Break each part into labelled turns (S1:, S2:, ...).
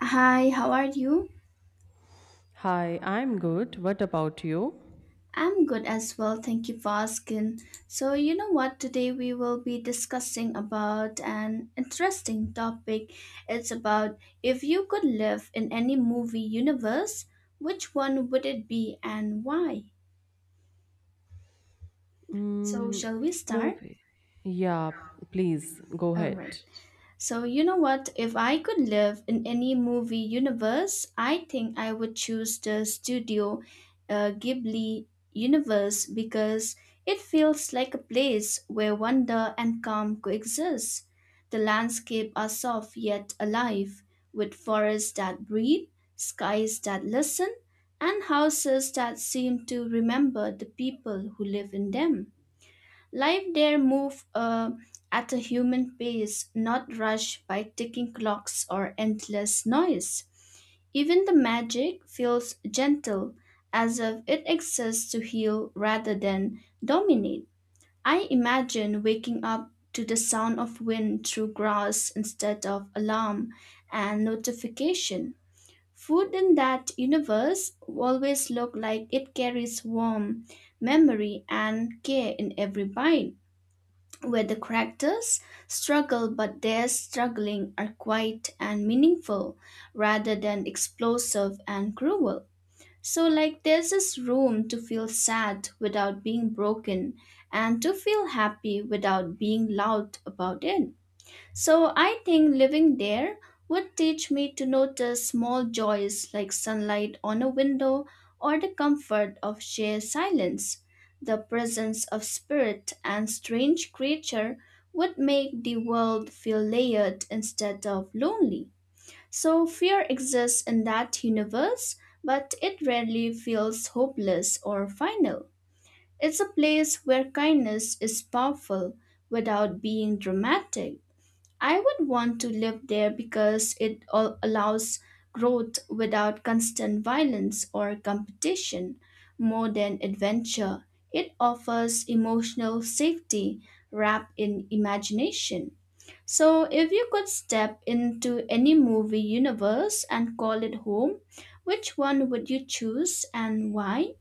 S1: Hi, how are you?
S2: Hi, I'm good. What about you?
S1: I'm good as well, thank you for asking. So, you know what? Today we will be discussing about an interesting topic. It's about if you could live in any movie universe, which one would it be and why? So,
S2: Mm,
S1: shall we start?
S2: movie. Yeah, please go
S1: All right.
S2: ahead.
S1: So, you know what? If I could live in any movie universe, I think I would choose the Studio Ghibli universe because it feels like a place where wonder and calm coexist. The landscapes are soft yet alive, with forests that breathe, skies that listen, and houses that seem to remember the people who live in them. Life there moved at a human pace, not rushed by ticking clocks or endless noise. Even the magic feels gentle, as if it exists to heal rather than dominate. I imagine waking up to the sound of wind through grass instead of alarm and notification. Food in that universe always look like it carries warmth, memory, and care in every bite where the characters struggle but their struggling are quiet and meaningful rather than explosive and cruel. So, like, there's this room to feel sad without being broken and to feel happy without being loud about it. So I think living there would teach me to notice small joys like sunlight on a window or the comfort of sheer silence. The presence of spirit and strange creature would make the world feel layered instead of lonely. So fear exists in that universe, but it rarely feels hopeless or final. It's a place where kindness is powerful without being dramatic. I would want to live there because it allows growth without constant violence or competition. More than adventure, it offers emotional safety wrapped in imagination. So, if you could step into any movie universe and call it home, which one would you choose and why?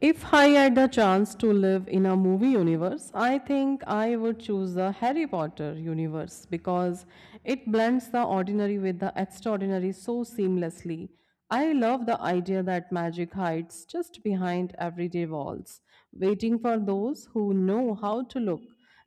S2: If I had the chance to live in a movie universe, I think I would choose the Harry Potter universe because it blends the ordinary with the extraordinary so seamlessly. I love the idea that magic hides just behind everyday walls, waiting for those who know how to look.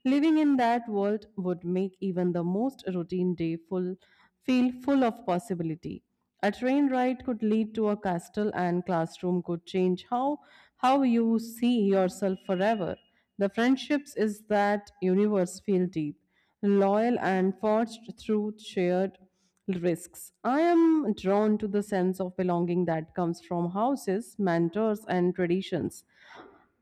S2: Living in that world would make even the most routine day full, feel full of possibility. A train ride could lead to a castle, and classroom could change how you see yourself forever. The friendships is that universe feel deep, loyal, and forged through shared risks. I am drawn to the sense of belonging that comes from houses, mentors, and traditions.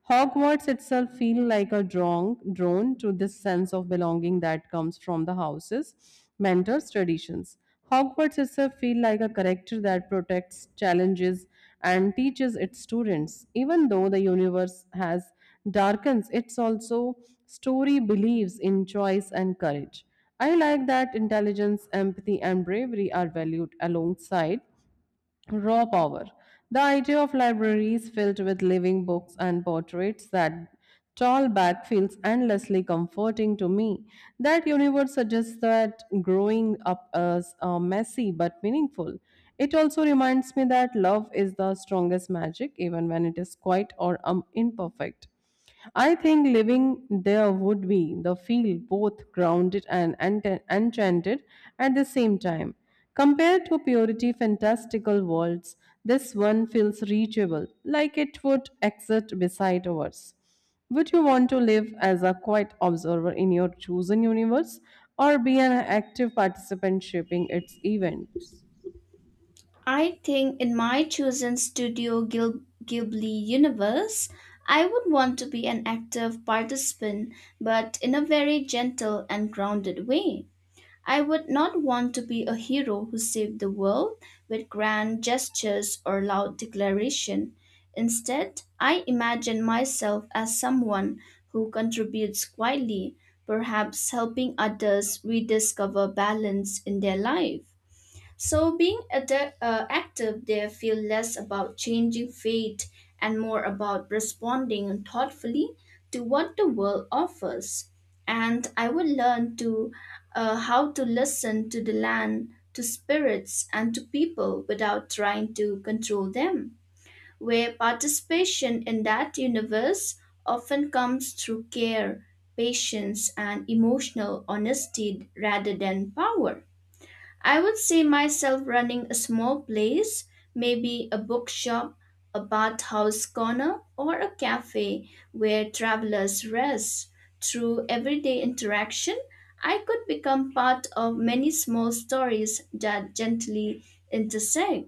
S2: Hogwarts itself feel like a drone to this sense of belonging that comes from the houses, mentors, traditions. Hogwarts itself feel like a character that protects, challenges, and teaches its students. Even though the universe has darkens, it's also story believes in choice and courage. I like that intelligence, empathy, and bravery are valued alongside raw power. The idea of libraries filled with living books and portraits that tall back feels endlessly comforting to me. That universe suggests that growing up is messy but meaningful. It also reminds me that love is the strongest magic, even when it is quiet or imperfect. I think living there would be the feel both grounded and enchanted at the same time. Compared to purity fantastical worlds, this one feels reachable, like it would exist beside ours. Would you want to live as a quiet observer in your chosen universe or be an active participant shaping its events?
S1: I think in my chosen Studio Ghibli universe, I would want to be an active participant, but in a very gentle and grounded way. I would not want to be a hero who saved the world with grand gestures or loud declaration. Instead, I imagine myself as someone who contributes quietly, perhaps helping others rediscover balance in their life. So, being active, they feel less about changing fate and more about responding thoughtfully to what the world offers. And I would learn to how to listen to the land, to spirits, and to people without trying to control them. Where participation in that universe often comes through care, patience, and emotional honesty rather than power. I would see myself running a small place, maybe a bookshop, a bathhouse corner, or a cafe where travelers rest. Through everyday interaction, I could become part of many small stories that gently intersect.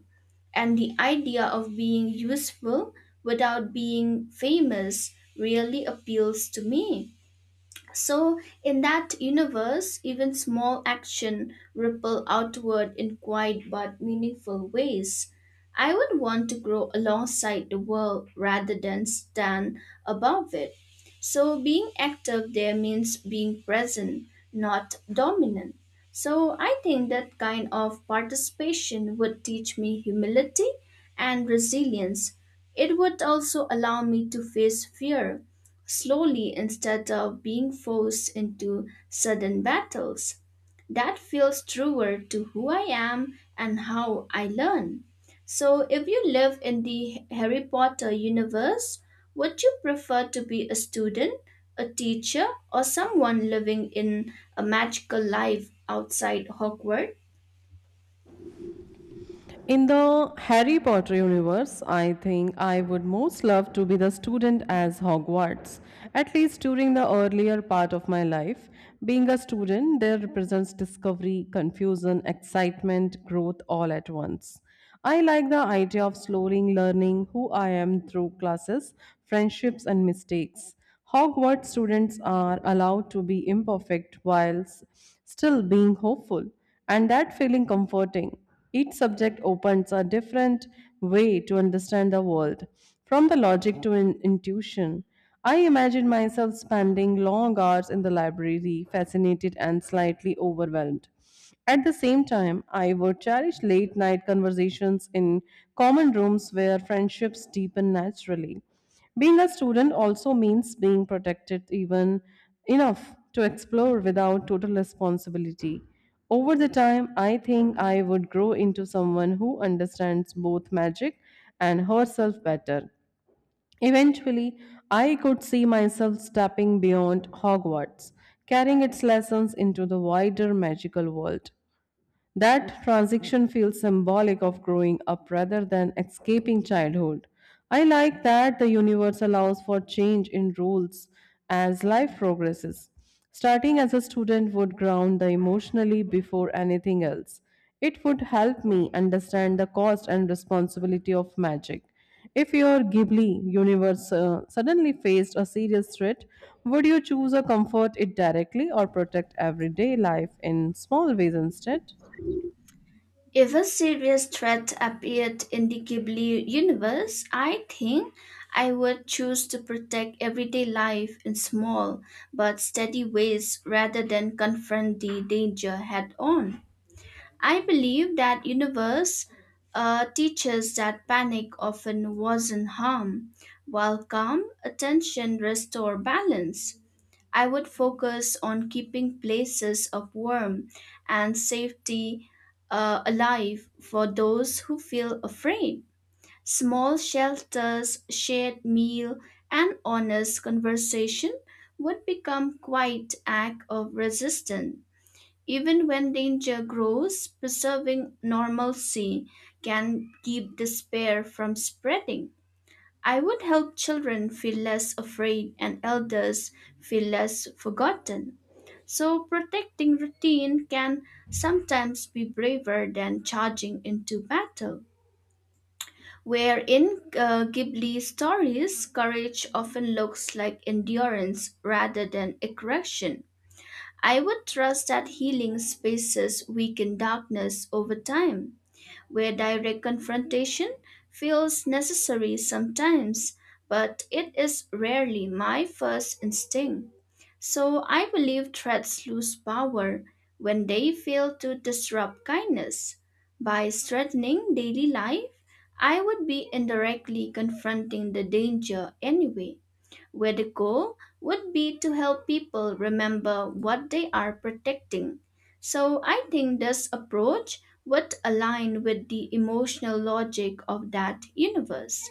S1: And the idea of being useful without being famous really appeals to me. So, in that universe, even small action ripple outward in quiet but meaningful ways. I would want to grow alongside the world rather than stand above it. So, being active there means being present, not dominant. So, I think that kind of participation would teach me humility and resilience. It would also allow me to face fear slowly instead of being forced into sudden battles. That feels truer to who I am and how I learn. So, if you live in the Harry Potter universe, would you prefer to be a student, a teacher, or someone living in a magical life outside Hogwarts?
S2: In the Harry Potter universe, I think I would most love to be the student as Hogwarts, at least during the earlier part of my life. Being a student there represents discovery, confusion, excitement, growth all at once. I like the idea of slowly learning who I am through classes, friendships, and mistakes. Hogwarts students are allowed to be imperfect whilst still being hopeful, and that feeling comforting. Each subject opens a different way to understand the world, from the logic to intuition. I imagine myself spending long hours in the library, fascinated and slightly overwhelmed. At the same time, I would cherish late night conversations in common rooms where friendships deepen naturally. Being a student also means being protected even enough to explore without total responsibility. Over the time, I think I would grow into someone who understands both magic and herself better. Eventually, I could see myself stepping beyond Hogwarts, carrying its lessons into the wider magical world. That transition feels symbolic of growing up rather than escaping childhood. I like that the universe allows for change in rules as life progresses. Starting as a student would ground the emotionally before anything else. It would help me understand the cost and responsibility of magic. If your Ghibli universe suddenly faced a serious threat, would you choose to comfort it directly or protect everyday life in small ways instead?
S1: If a serious threat appeared in the Ghibli universe, I think I would choose to protect everyday life in small but steady ways rather than confront the danger head on. I believe that universe teaches that panic often wasn't harm, while calm attention restore balance. I would focus on keeping places of warmth and safety alive for those who feel afraid. Small shelters, shared meal, and honest conversation would become quite act of resistance. Even when danger grows, preserving normalcy can keep despair from spreading. I would help children feel less afraid and elders feel less forgotten. So, protecting routine can sometimes be braver than charging into battle. Where in Ghibli stories, courage often looks like endurance rather than aggression. I would trust that healing spaces weaken darkness over time where direct confrontation feels necessary sometimes, but it is rarely my first instinct. So I believe threats lose power when they fail to disrupt kindness. By threatening daily life, I would be indirectly confronting the danger anyway where the goal would be to help people remember what they are protecting. So I think this approach would align with the emotional logic of that universe.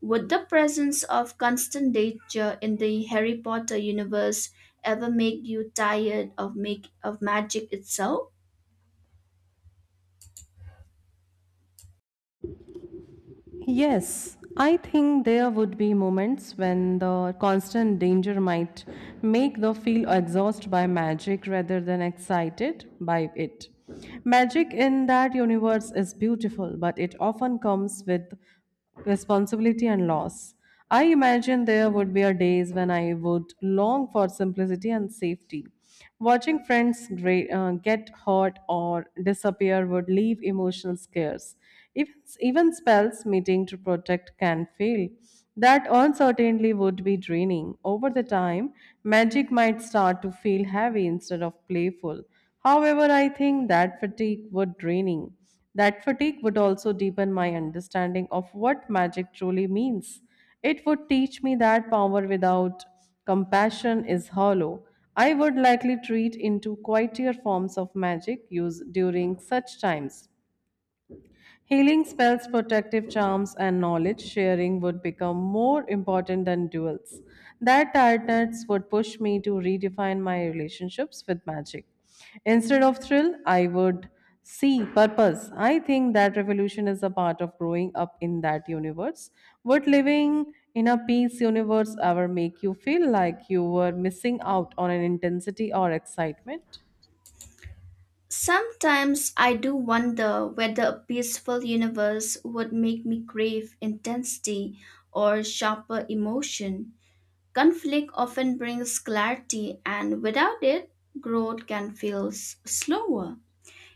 S1: Would the presence of constant danger in the Harry Potter universe ever make you tired of make of magic itself?
S2: Yes, I think there would be moments when the constant danger might make the feel exhausted by magic rather than excited by it. Magic in that universe is beautiful, but it often comes with responsibility and loss. I imagine there would be a days when I would long for simplicity and safety. Watching friends get hurt or disappear would leave emotional scares. Even, even spells meeting to protect can fail. That uncertainty would be draining. Over the time, magic might start to feel heavy instead of playful. However, I think that fatigue would draining. That fatigue would also deepen my understanding of what magic truly means. It would teach me that power without compassion is hollow. I would likely treat into quieter forms of magic used during such times. Healing spells, protective charms, and knowledge sharing would become more important than duels. That tiredness would push me to redefine my relationships with magic. Instead of thrill, I would see purpose. I think that revolution is a part of growing up in that universe. Would living in a peace universe ever make you feel like you were missing out on an intensity or excitement?
S1: Sometimes I do wonder whether a peaceful universe would make me crave intensity or sharper emotion. Conflict often brings clarity, and without it, growth can feel slower.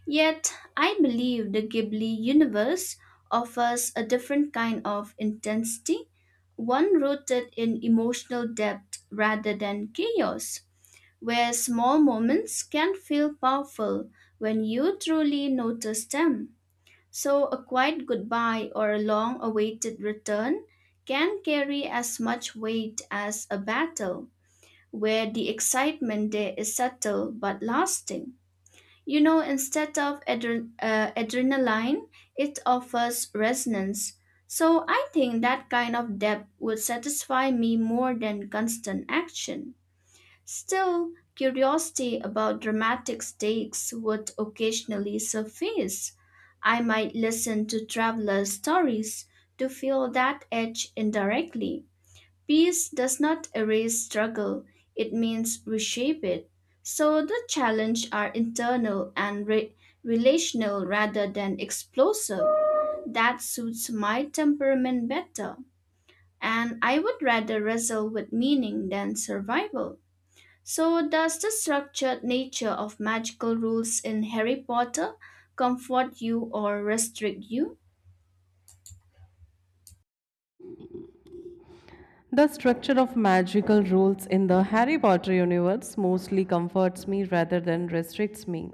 S1: Yet, I believe the Ghibli universe offers a different kind of intensity, one rooted in emotional depth rather than chaos, where small moments can feel powerful when you truly notice them. So, a quiet goodbye or a long awaited return can carry as much weight as a battle where the excitement there is subtle but lasting. You know, instead of adrenaline, it offers resonance. So I think that kind of depth would satisfy me more than constant action. Still, curiosity about dramatic stakes would occasionally surface. I might listen to travelers' stories to feel that edge indirectly. Peace does not erase struggle, it means reshape it. So the challenges are internal and relational rather than explosive. That suits my temperament better. And I would rather wrestle with meaning than survival. So, does the structured nature of magical rules in Harry Potter comfort you or restrict you?
S2: The structure of magical rules in the Harry Potter universe mostly comforts me rather than restricts me.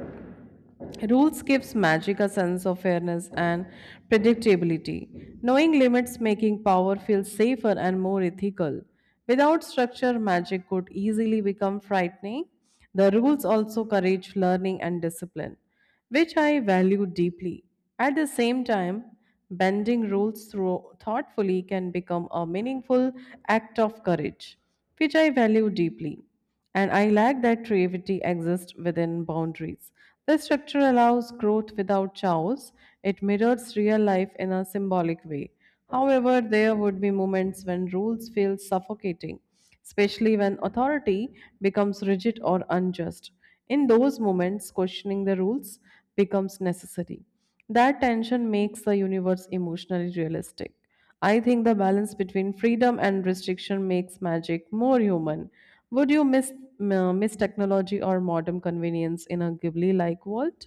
S2: Rules gives magic a sense of fairness and predictability. Knowing limits making power feel safer and more ethical. Without structure, magic could easily become frightening. The rules also encourage learning and discipline, which I value deeply. At the same time, bending rules through thoughtfully can become a meaningful act of courage, which I value deeply. And I like that creativity exists within boundaries. The structure allows growth without chaos. It mirrors real life in a symbolic way. However, there would be moments when rules feel suffocating, especially when authority becomes rigid or unjust. In those moments, questioning the rules becomes necessary. That tension makes the universe emotionally realistic. I think the balance between freedom and restriction makes magic more human. Would you miss technology or modern convenience in a Ghibli like world?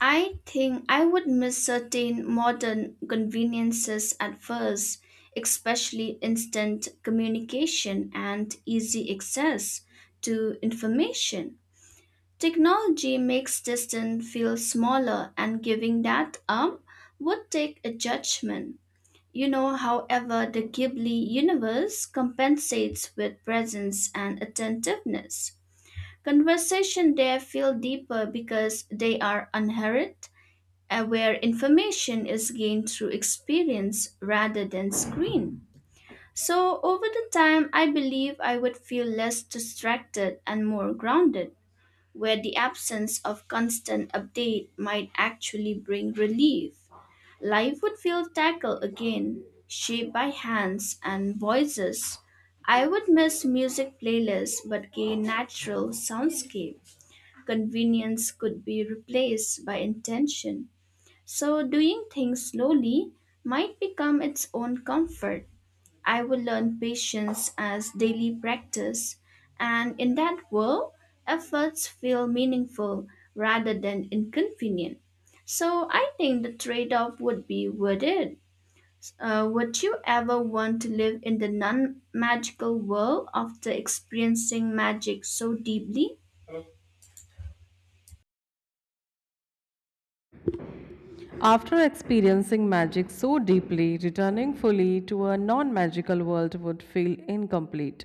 S1: I think I would miss certain modern conveniences at first, especially instant communication and easy access to information. Technology makes distance feel smaller, and giving that up would take a judgment. You know, however, the Ghibli universe compensates with presence and attentiveness. Conversation there feel deeper because they are unhurried where information is gained through experience rather than screen. So, over the time, I believe I would feel less distracted and more grounded, where the absence of constant update might actually bring relief. Life would feel tackled again, shaped by hands and voices. I would miss music playlists but gain natural soundscape. Convenience could be replaced by intention so, doing things slowly might become its own comfort. I will learn patience as daily practice, and in that world, efforts feel meaningful rather than inconvenient. So, I think the trade off would be worth it. Would you ever want to live in the non magical world after experiencing magic so deeply?
S2: After experiencing magic so deeply, returning fully to a non magical world would feel incomplete.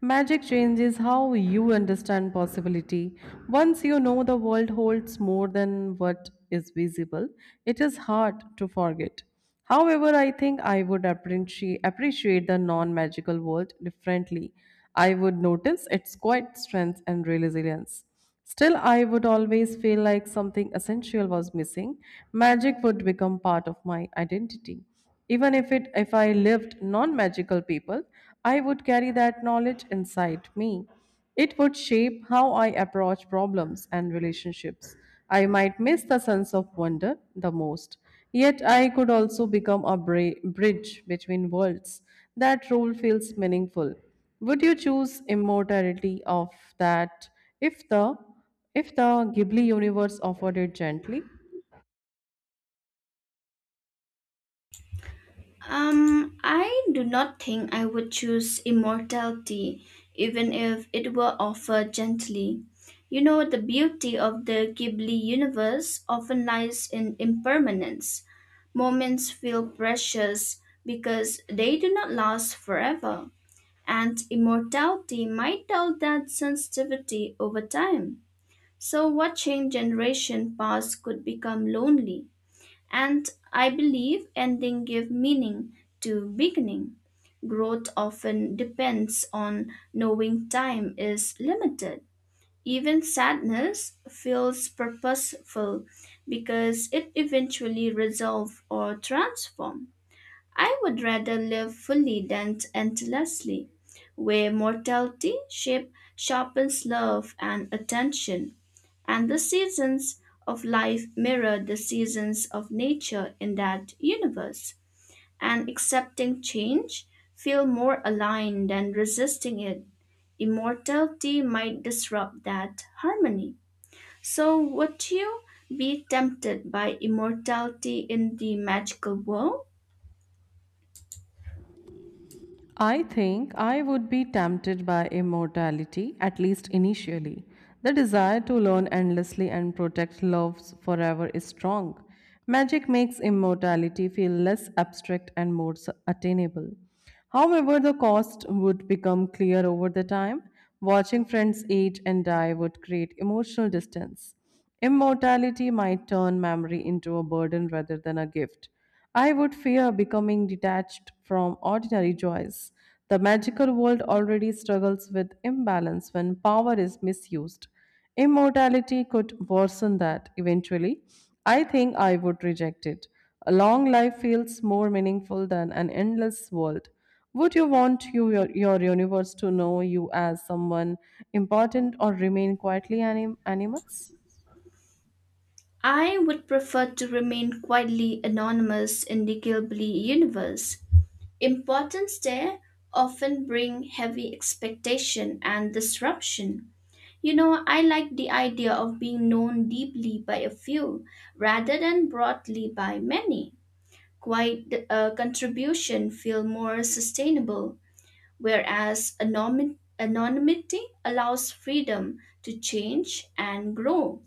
S2: Magic changes how you understand possibility. Once you know the world holds more than what is visible, it is hard to forget. However, I think I would appreciate the non-magical world differently. I would notice its quiet strength and resilience. Still, I would always feel like something essential was missing. Magic would become part of my identity. Even if it if I lived non-magical people, I would carry that knowledge inside me. It would shape how I approach problems and relationships. I might miss the sense of wonder the most. Yet I could also become a bridge between worlds. That role feels meaningful. Would you choose immortality of that if the if the Ghibli universe offered it gently?
S1: I do not think I would choose immortality, even if it were offered gently. You know, the beauty of the Ghibli universe often lies in impermanence. Moments feel precious because they do not last forever, and immortality might dull that sensitivity over time. So, watching generation pass could become lonely. And I believe ending give meaning to beginning. Growth often depends on knowing time is limited. Even sadness feels purposeful because it eventually resolves or transforms. I would rather live fully than endlessly, where mortality shape sharpens love and attention, and the seasons of life mirror the seasons of nature in that universe. And accepting change feel more aligned than resisting it. Immortality might disrupt that harmony. So would you be tempted by immortality in the magical world?
S2: I think I would be tempted by immortality, at least initially. The desire to learn endlessly and protect loves forever is strong. Magic makes immortality feel less abstract and more attainable. However, the cost would become clear over the time. Watching friends age and die would create emotional distance. Immortality might turn memory into a burden rather than a gift. I would fear becoming detached from ordinary joys. The magical world already struggles with imbalance when power is misused. Immortality could worsen that eventually. I think I would reject it. A long life feels more meaningful than an endless world. Would you want your universe to know you as someone important or remain quietly animals?
S1: I would prefer to remain quietly anonymous in the Gilbly universe. Importance there often bring heavy expectation and disruption. You know, I like the idea of being known deeply by a few rather than broadly by many. Quiet contribution feel more sustainable, whereas anonymity allows freedom to change and grow.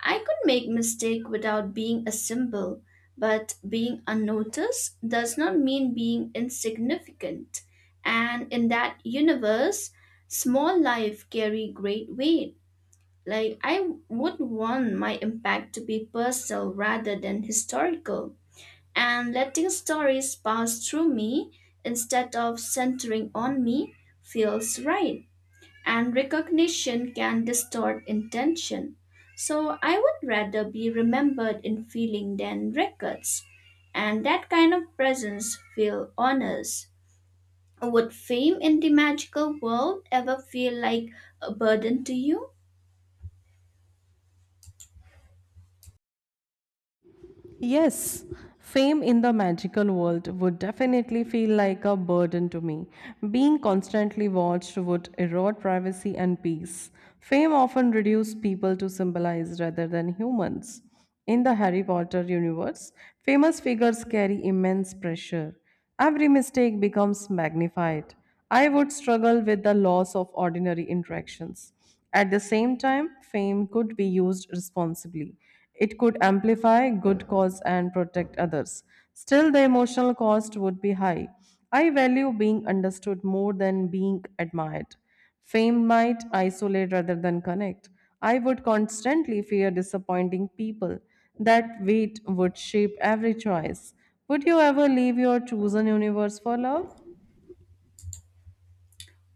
S1: I could make mistake without being a symbol, but being unnoticed does not mean being insignificant. And in that universe, small life carry great weight. Like I would want my impact to be personal rather than historical, and letting stories pass through me instead of centering on me feels right and recognition can distort intention. So I would rather be remembered in feeling than records, and that kind of presence feel honors. Would fame in the magical world ever feel like a burden to you?
S2: Yes, fame in the magical world would definitely feel like a burden to me. Being constantly watched would erode privacy and peace. Fame often reduced people to symbolize rather than humans. In the Harry Potter universe, famous figures carry immense pressure. Every mistake becomes magnified. I would struggle with the loss of ordinary interactions. At the same time, fame could be used responsibly. It could amplify good cause and protect others. Still, the emotional cost would be high. I value being understood more than being admired. Fame might isolate rather than connect. I would constantly fear disappointing people. That weight would shape every choice. Would you ever leave your chosen universe for love?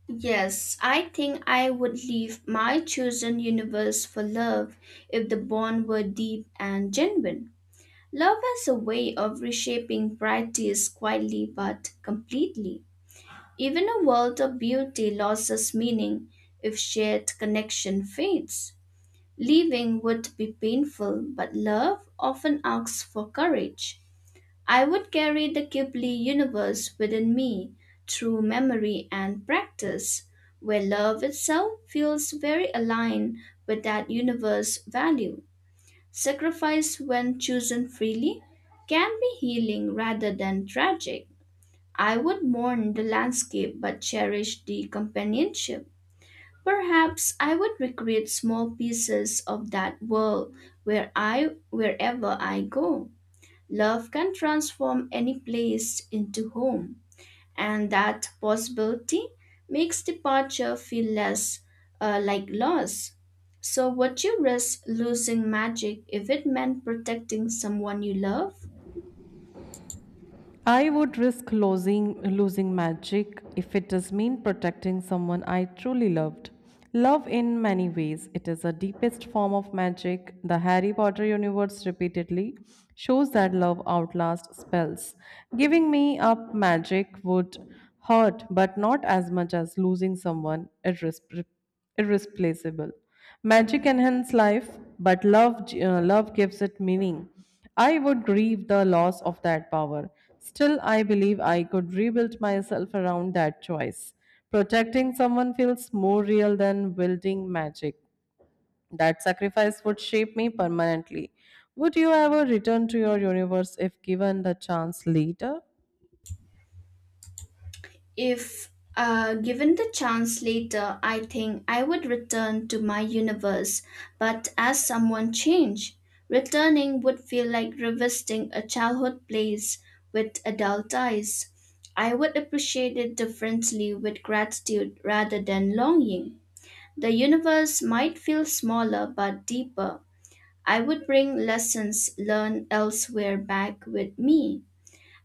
S1: Yes, I think I would leave my chosen universe for love if the bond were deep and genuine. Love has a way of reshaping priorities quietly but completely. Even a world of beauty loses meaning if shared connection fades. Leaving would be painful, but love often asks for courage. I would carry the Ghibli universe within me through memory and practice, where love itself feels very aligned with that universe value. Sacrifice, when chosen freely, can be healing rather than tragic. I would mourn the landscape but cherish the companionship. Perhaps I would recreate small pieces of that world where I wherever I go. Love can transform any place into home, and that possibility makes departure feel less like loss. So would you risk losing magic if it meant protecting someone you love?
S2: I would risk losing magic if it does mean protecting someone I truly loved. Love in many ways. It is the deepest form of magic. The Harry Potter universe repeatedly shows that love outlasts spells. Giving me up magic would hurt, but not as much as losing someone irreplaceable. Magic enhances life, but love gives it meaning. I would grieve the loss of that power. Still, I believe I could rebuild myself around that choice. Protecting someone feels more real than wielding magic. That sacrifice would shape me permanently. Would you ever return to your universe if given the chance later?
S1: If given the chance later, I think I would return to my universe, but as someone change. Returning would feel like revisiting a childhood place with adult eyes. I would appreciate it differently with gratitude rather than longing. The universe might feel smaller but deeper. I would bring lessons learned elsewhere back with me.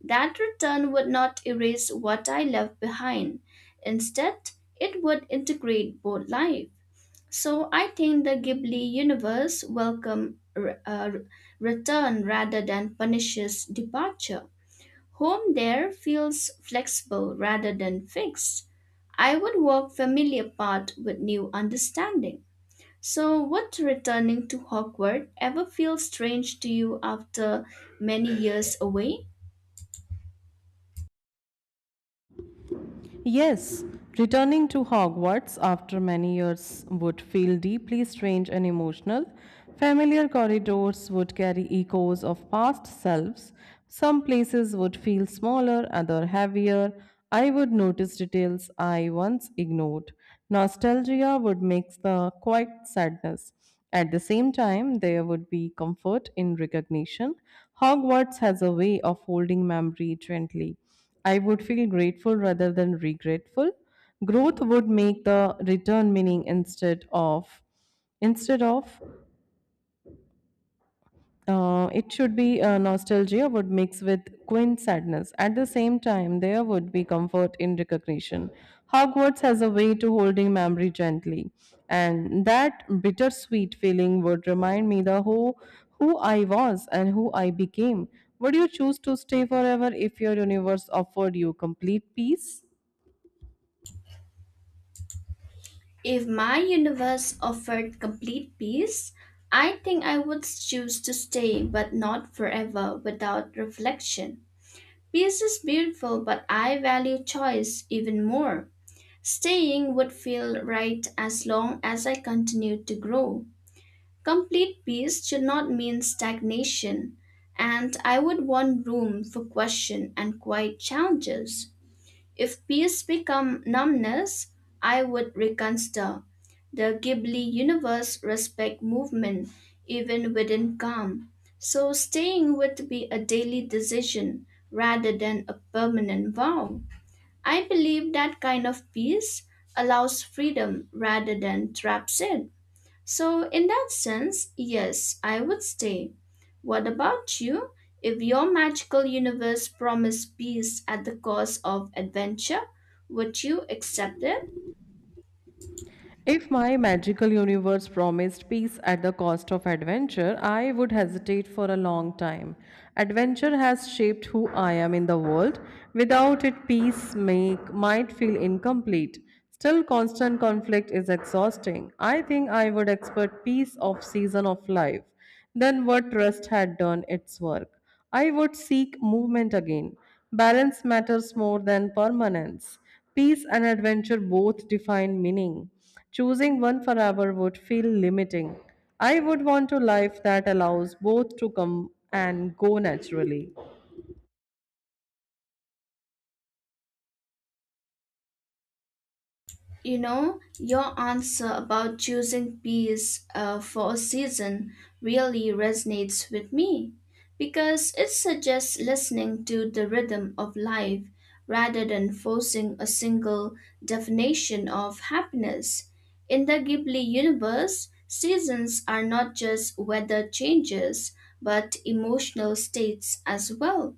S1: That return would not erase what I left behind. Instead, it would integrate both life. So I think the Ghibli universe welcome return rather than punishes departure. Home there feels flexible rather than fixed. I would walk familiar path with new understanding. So would returning to Hogwarts ever feel strange to you after many years away?
S2: Yes, returning to Hogwarts after many years would feel deeply strange and emotional. Familiar corridors would carry echoes of past selves. Some places would feel smaller, other heavier. I would notice details I once ignored. Nostalgia would mix the quiet sadness. At the same time, there would be comfort in recognition. Hogwarts has a way of holding memory gently. I would feel grateful rather than regretful. Growth would make the return meaning instead of it should be nostalgia would mix with quaint sadness. At the same time, there would be comfort in recognition. Hogwarts has a way to holding memory gently, and that bittersweet feeling would remind me the who I was and who I became. Would you choose to stay forever if your universe offered you complete peace?
S1: If my universe offered complete peace, I think I would choose to stay, but not forever, without reflection. Peace is beautiful, but I value choice even more. Staying would feel right as long as I continue to grow. Complete peace should not mean stagnation, and I would want room for question and quiet challenges. If peace become numbness, I would reconsider. The Ghibli universe respect movement even within calm. So staying would be a daily decision rather than a permanent vow. I believe that kind of peace allows freedom rather than traps it. So, in that sense, yes, I would stay. What about you? If your magical universe promised peace at the cost of adventure, would you accept it?
S2: If my magical universe promised peace at the cost of adventure, I would hesitate for a long time. Adventure has shaped who I am in the world. Without it, peace make, might feel incomplete. Still, constant conflict is exhausting. I think I would expect peace of season of life. Then what rest had done its work. I would seek movement again. Balance matters more than permanence. Peace and adventure both define meaning. Choosing one forever would feel limiting. I would want a life that allows both to come and go naturally.
S1: You know, your answer about choosing peace for a season really resonates with me because it suggests listening to the rhythm of life rather than forcing a single definition of happiness. In the Ghibli universe, seasons are not just weather changes but emotional states as well.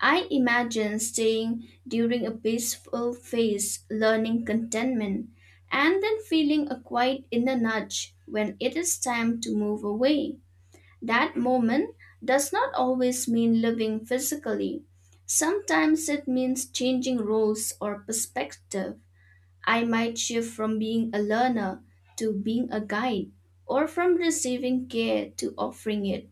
S1: I imagine staying during a peaceful phase, learning contentment, and then feeling a quiet inner nudge when it is time to move away. That moment does not always mean living physically. Sometimes it means changing roles or perspective. I might shift from being a learner to being a guide, or from receiving care to offering it.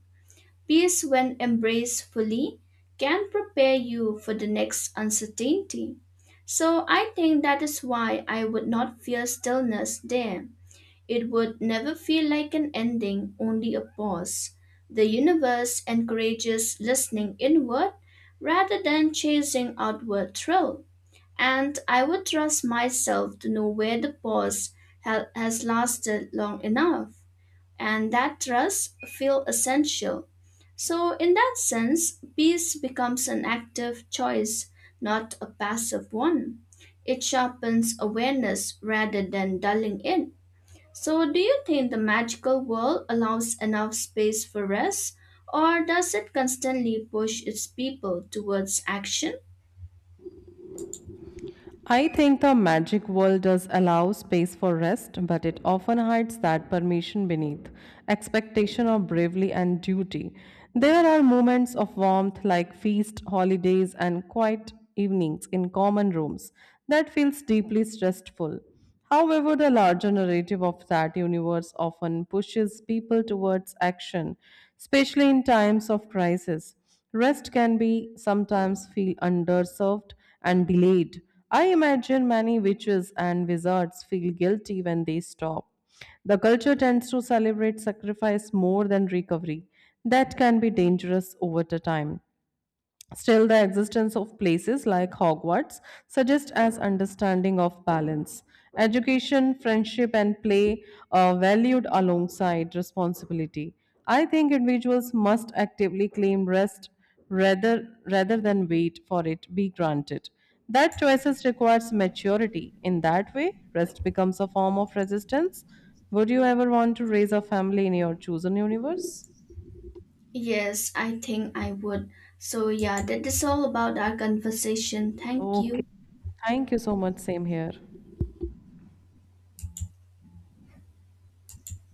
S1: Peace, when embraced fully, can prepare you for the next uncertainty. So I think that is why I would not fear stillness there. It would never feel like an ending, only a pause. The universe encourages listening inward rather than chasing outward thrill. And I would trust myself to know where the pause has lasted long enough and that trust feel essential. So, in that sense, peace becomes an active choice, not a passive one. It sharpens awareness rather than dulling it. So, do you think the magical world allows enough space for rest, or does it constantly push its people towards action?
S2: I think the magic world does allow space for rest, but it often hides that permission beneath expectation of bravery and duty. There are moments of warmth like feast, holidays, and quiet evenings in common rooms that feels deeply stressful. However, the larger narrative of that universe often pushes people towards action, especially in times of crisis. Rest can be sometimes feel underserved and delayed. I imagine many witches and wizards feel guilty when they stop. The culture tends to celebrate sacrifice more than recovery. That can be dangerous over the time. Still, the existence of places like Hogwarts suggest as understanding of balance. Education, friendship, and play are valued alongside responsibility. I think individuals must actively claim rest rather than wait for it be granted. That choices requires maturity. In that way, rest becomes a form of resistance. Would you ever want to raise a family in your chosen universe?
S1: Yes, I think I would. So, yeah, that is all about our conversation. Thank
S2: Okay.
S1: you.
S2: Thank you so much. Same here.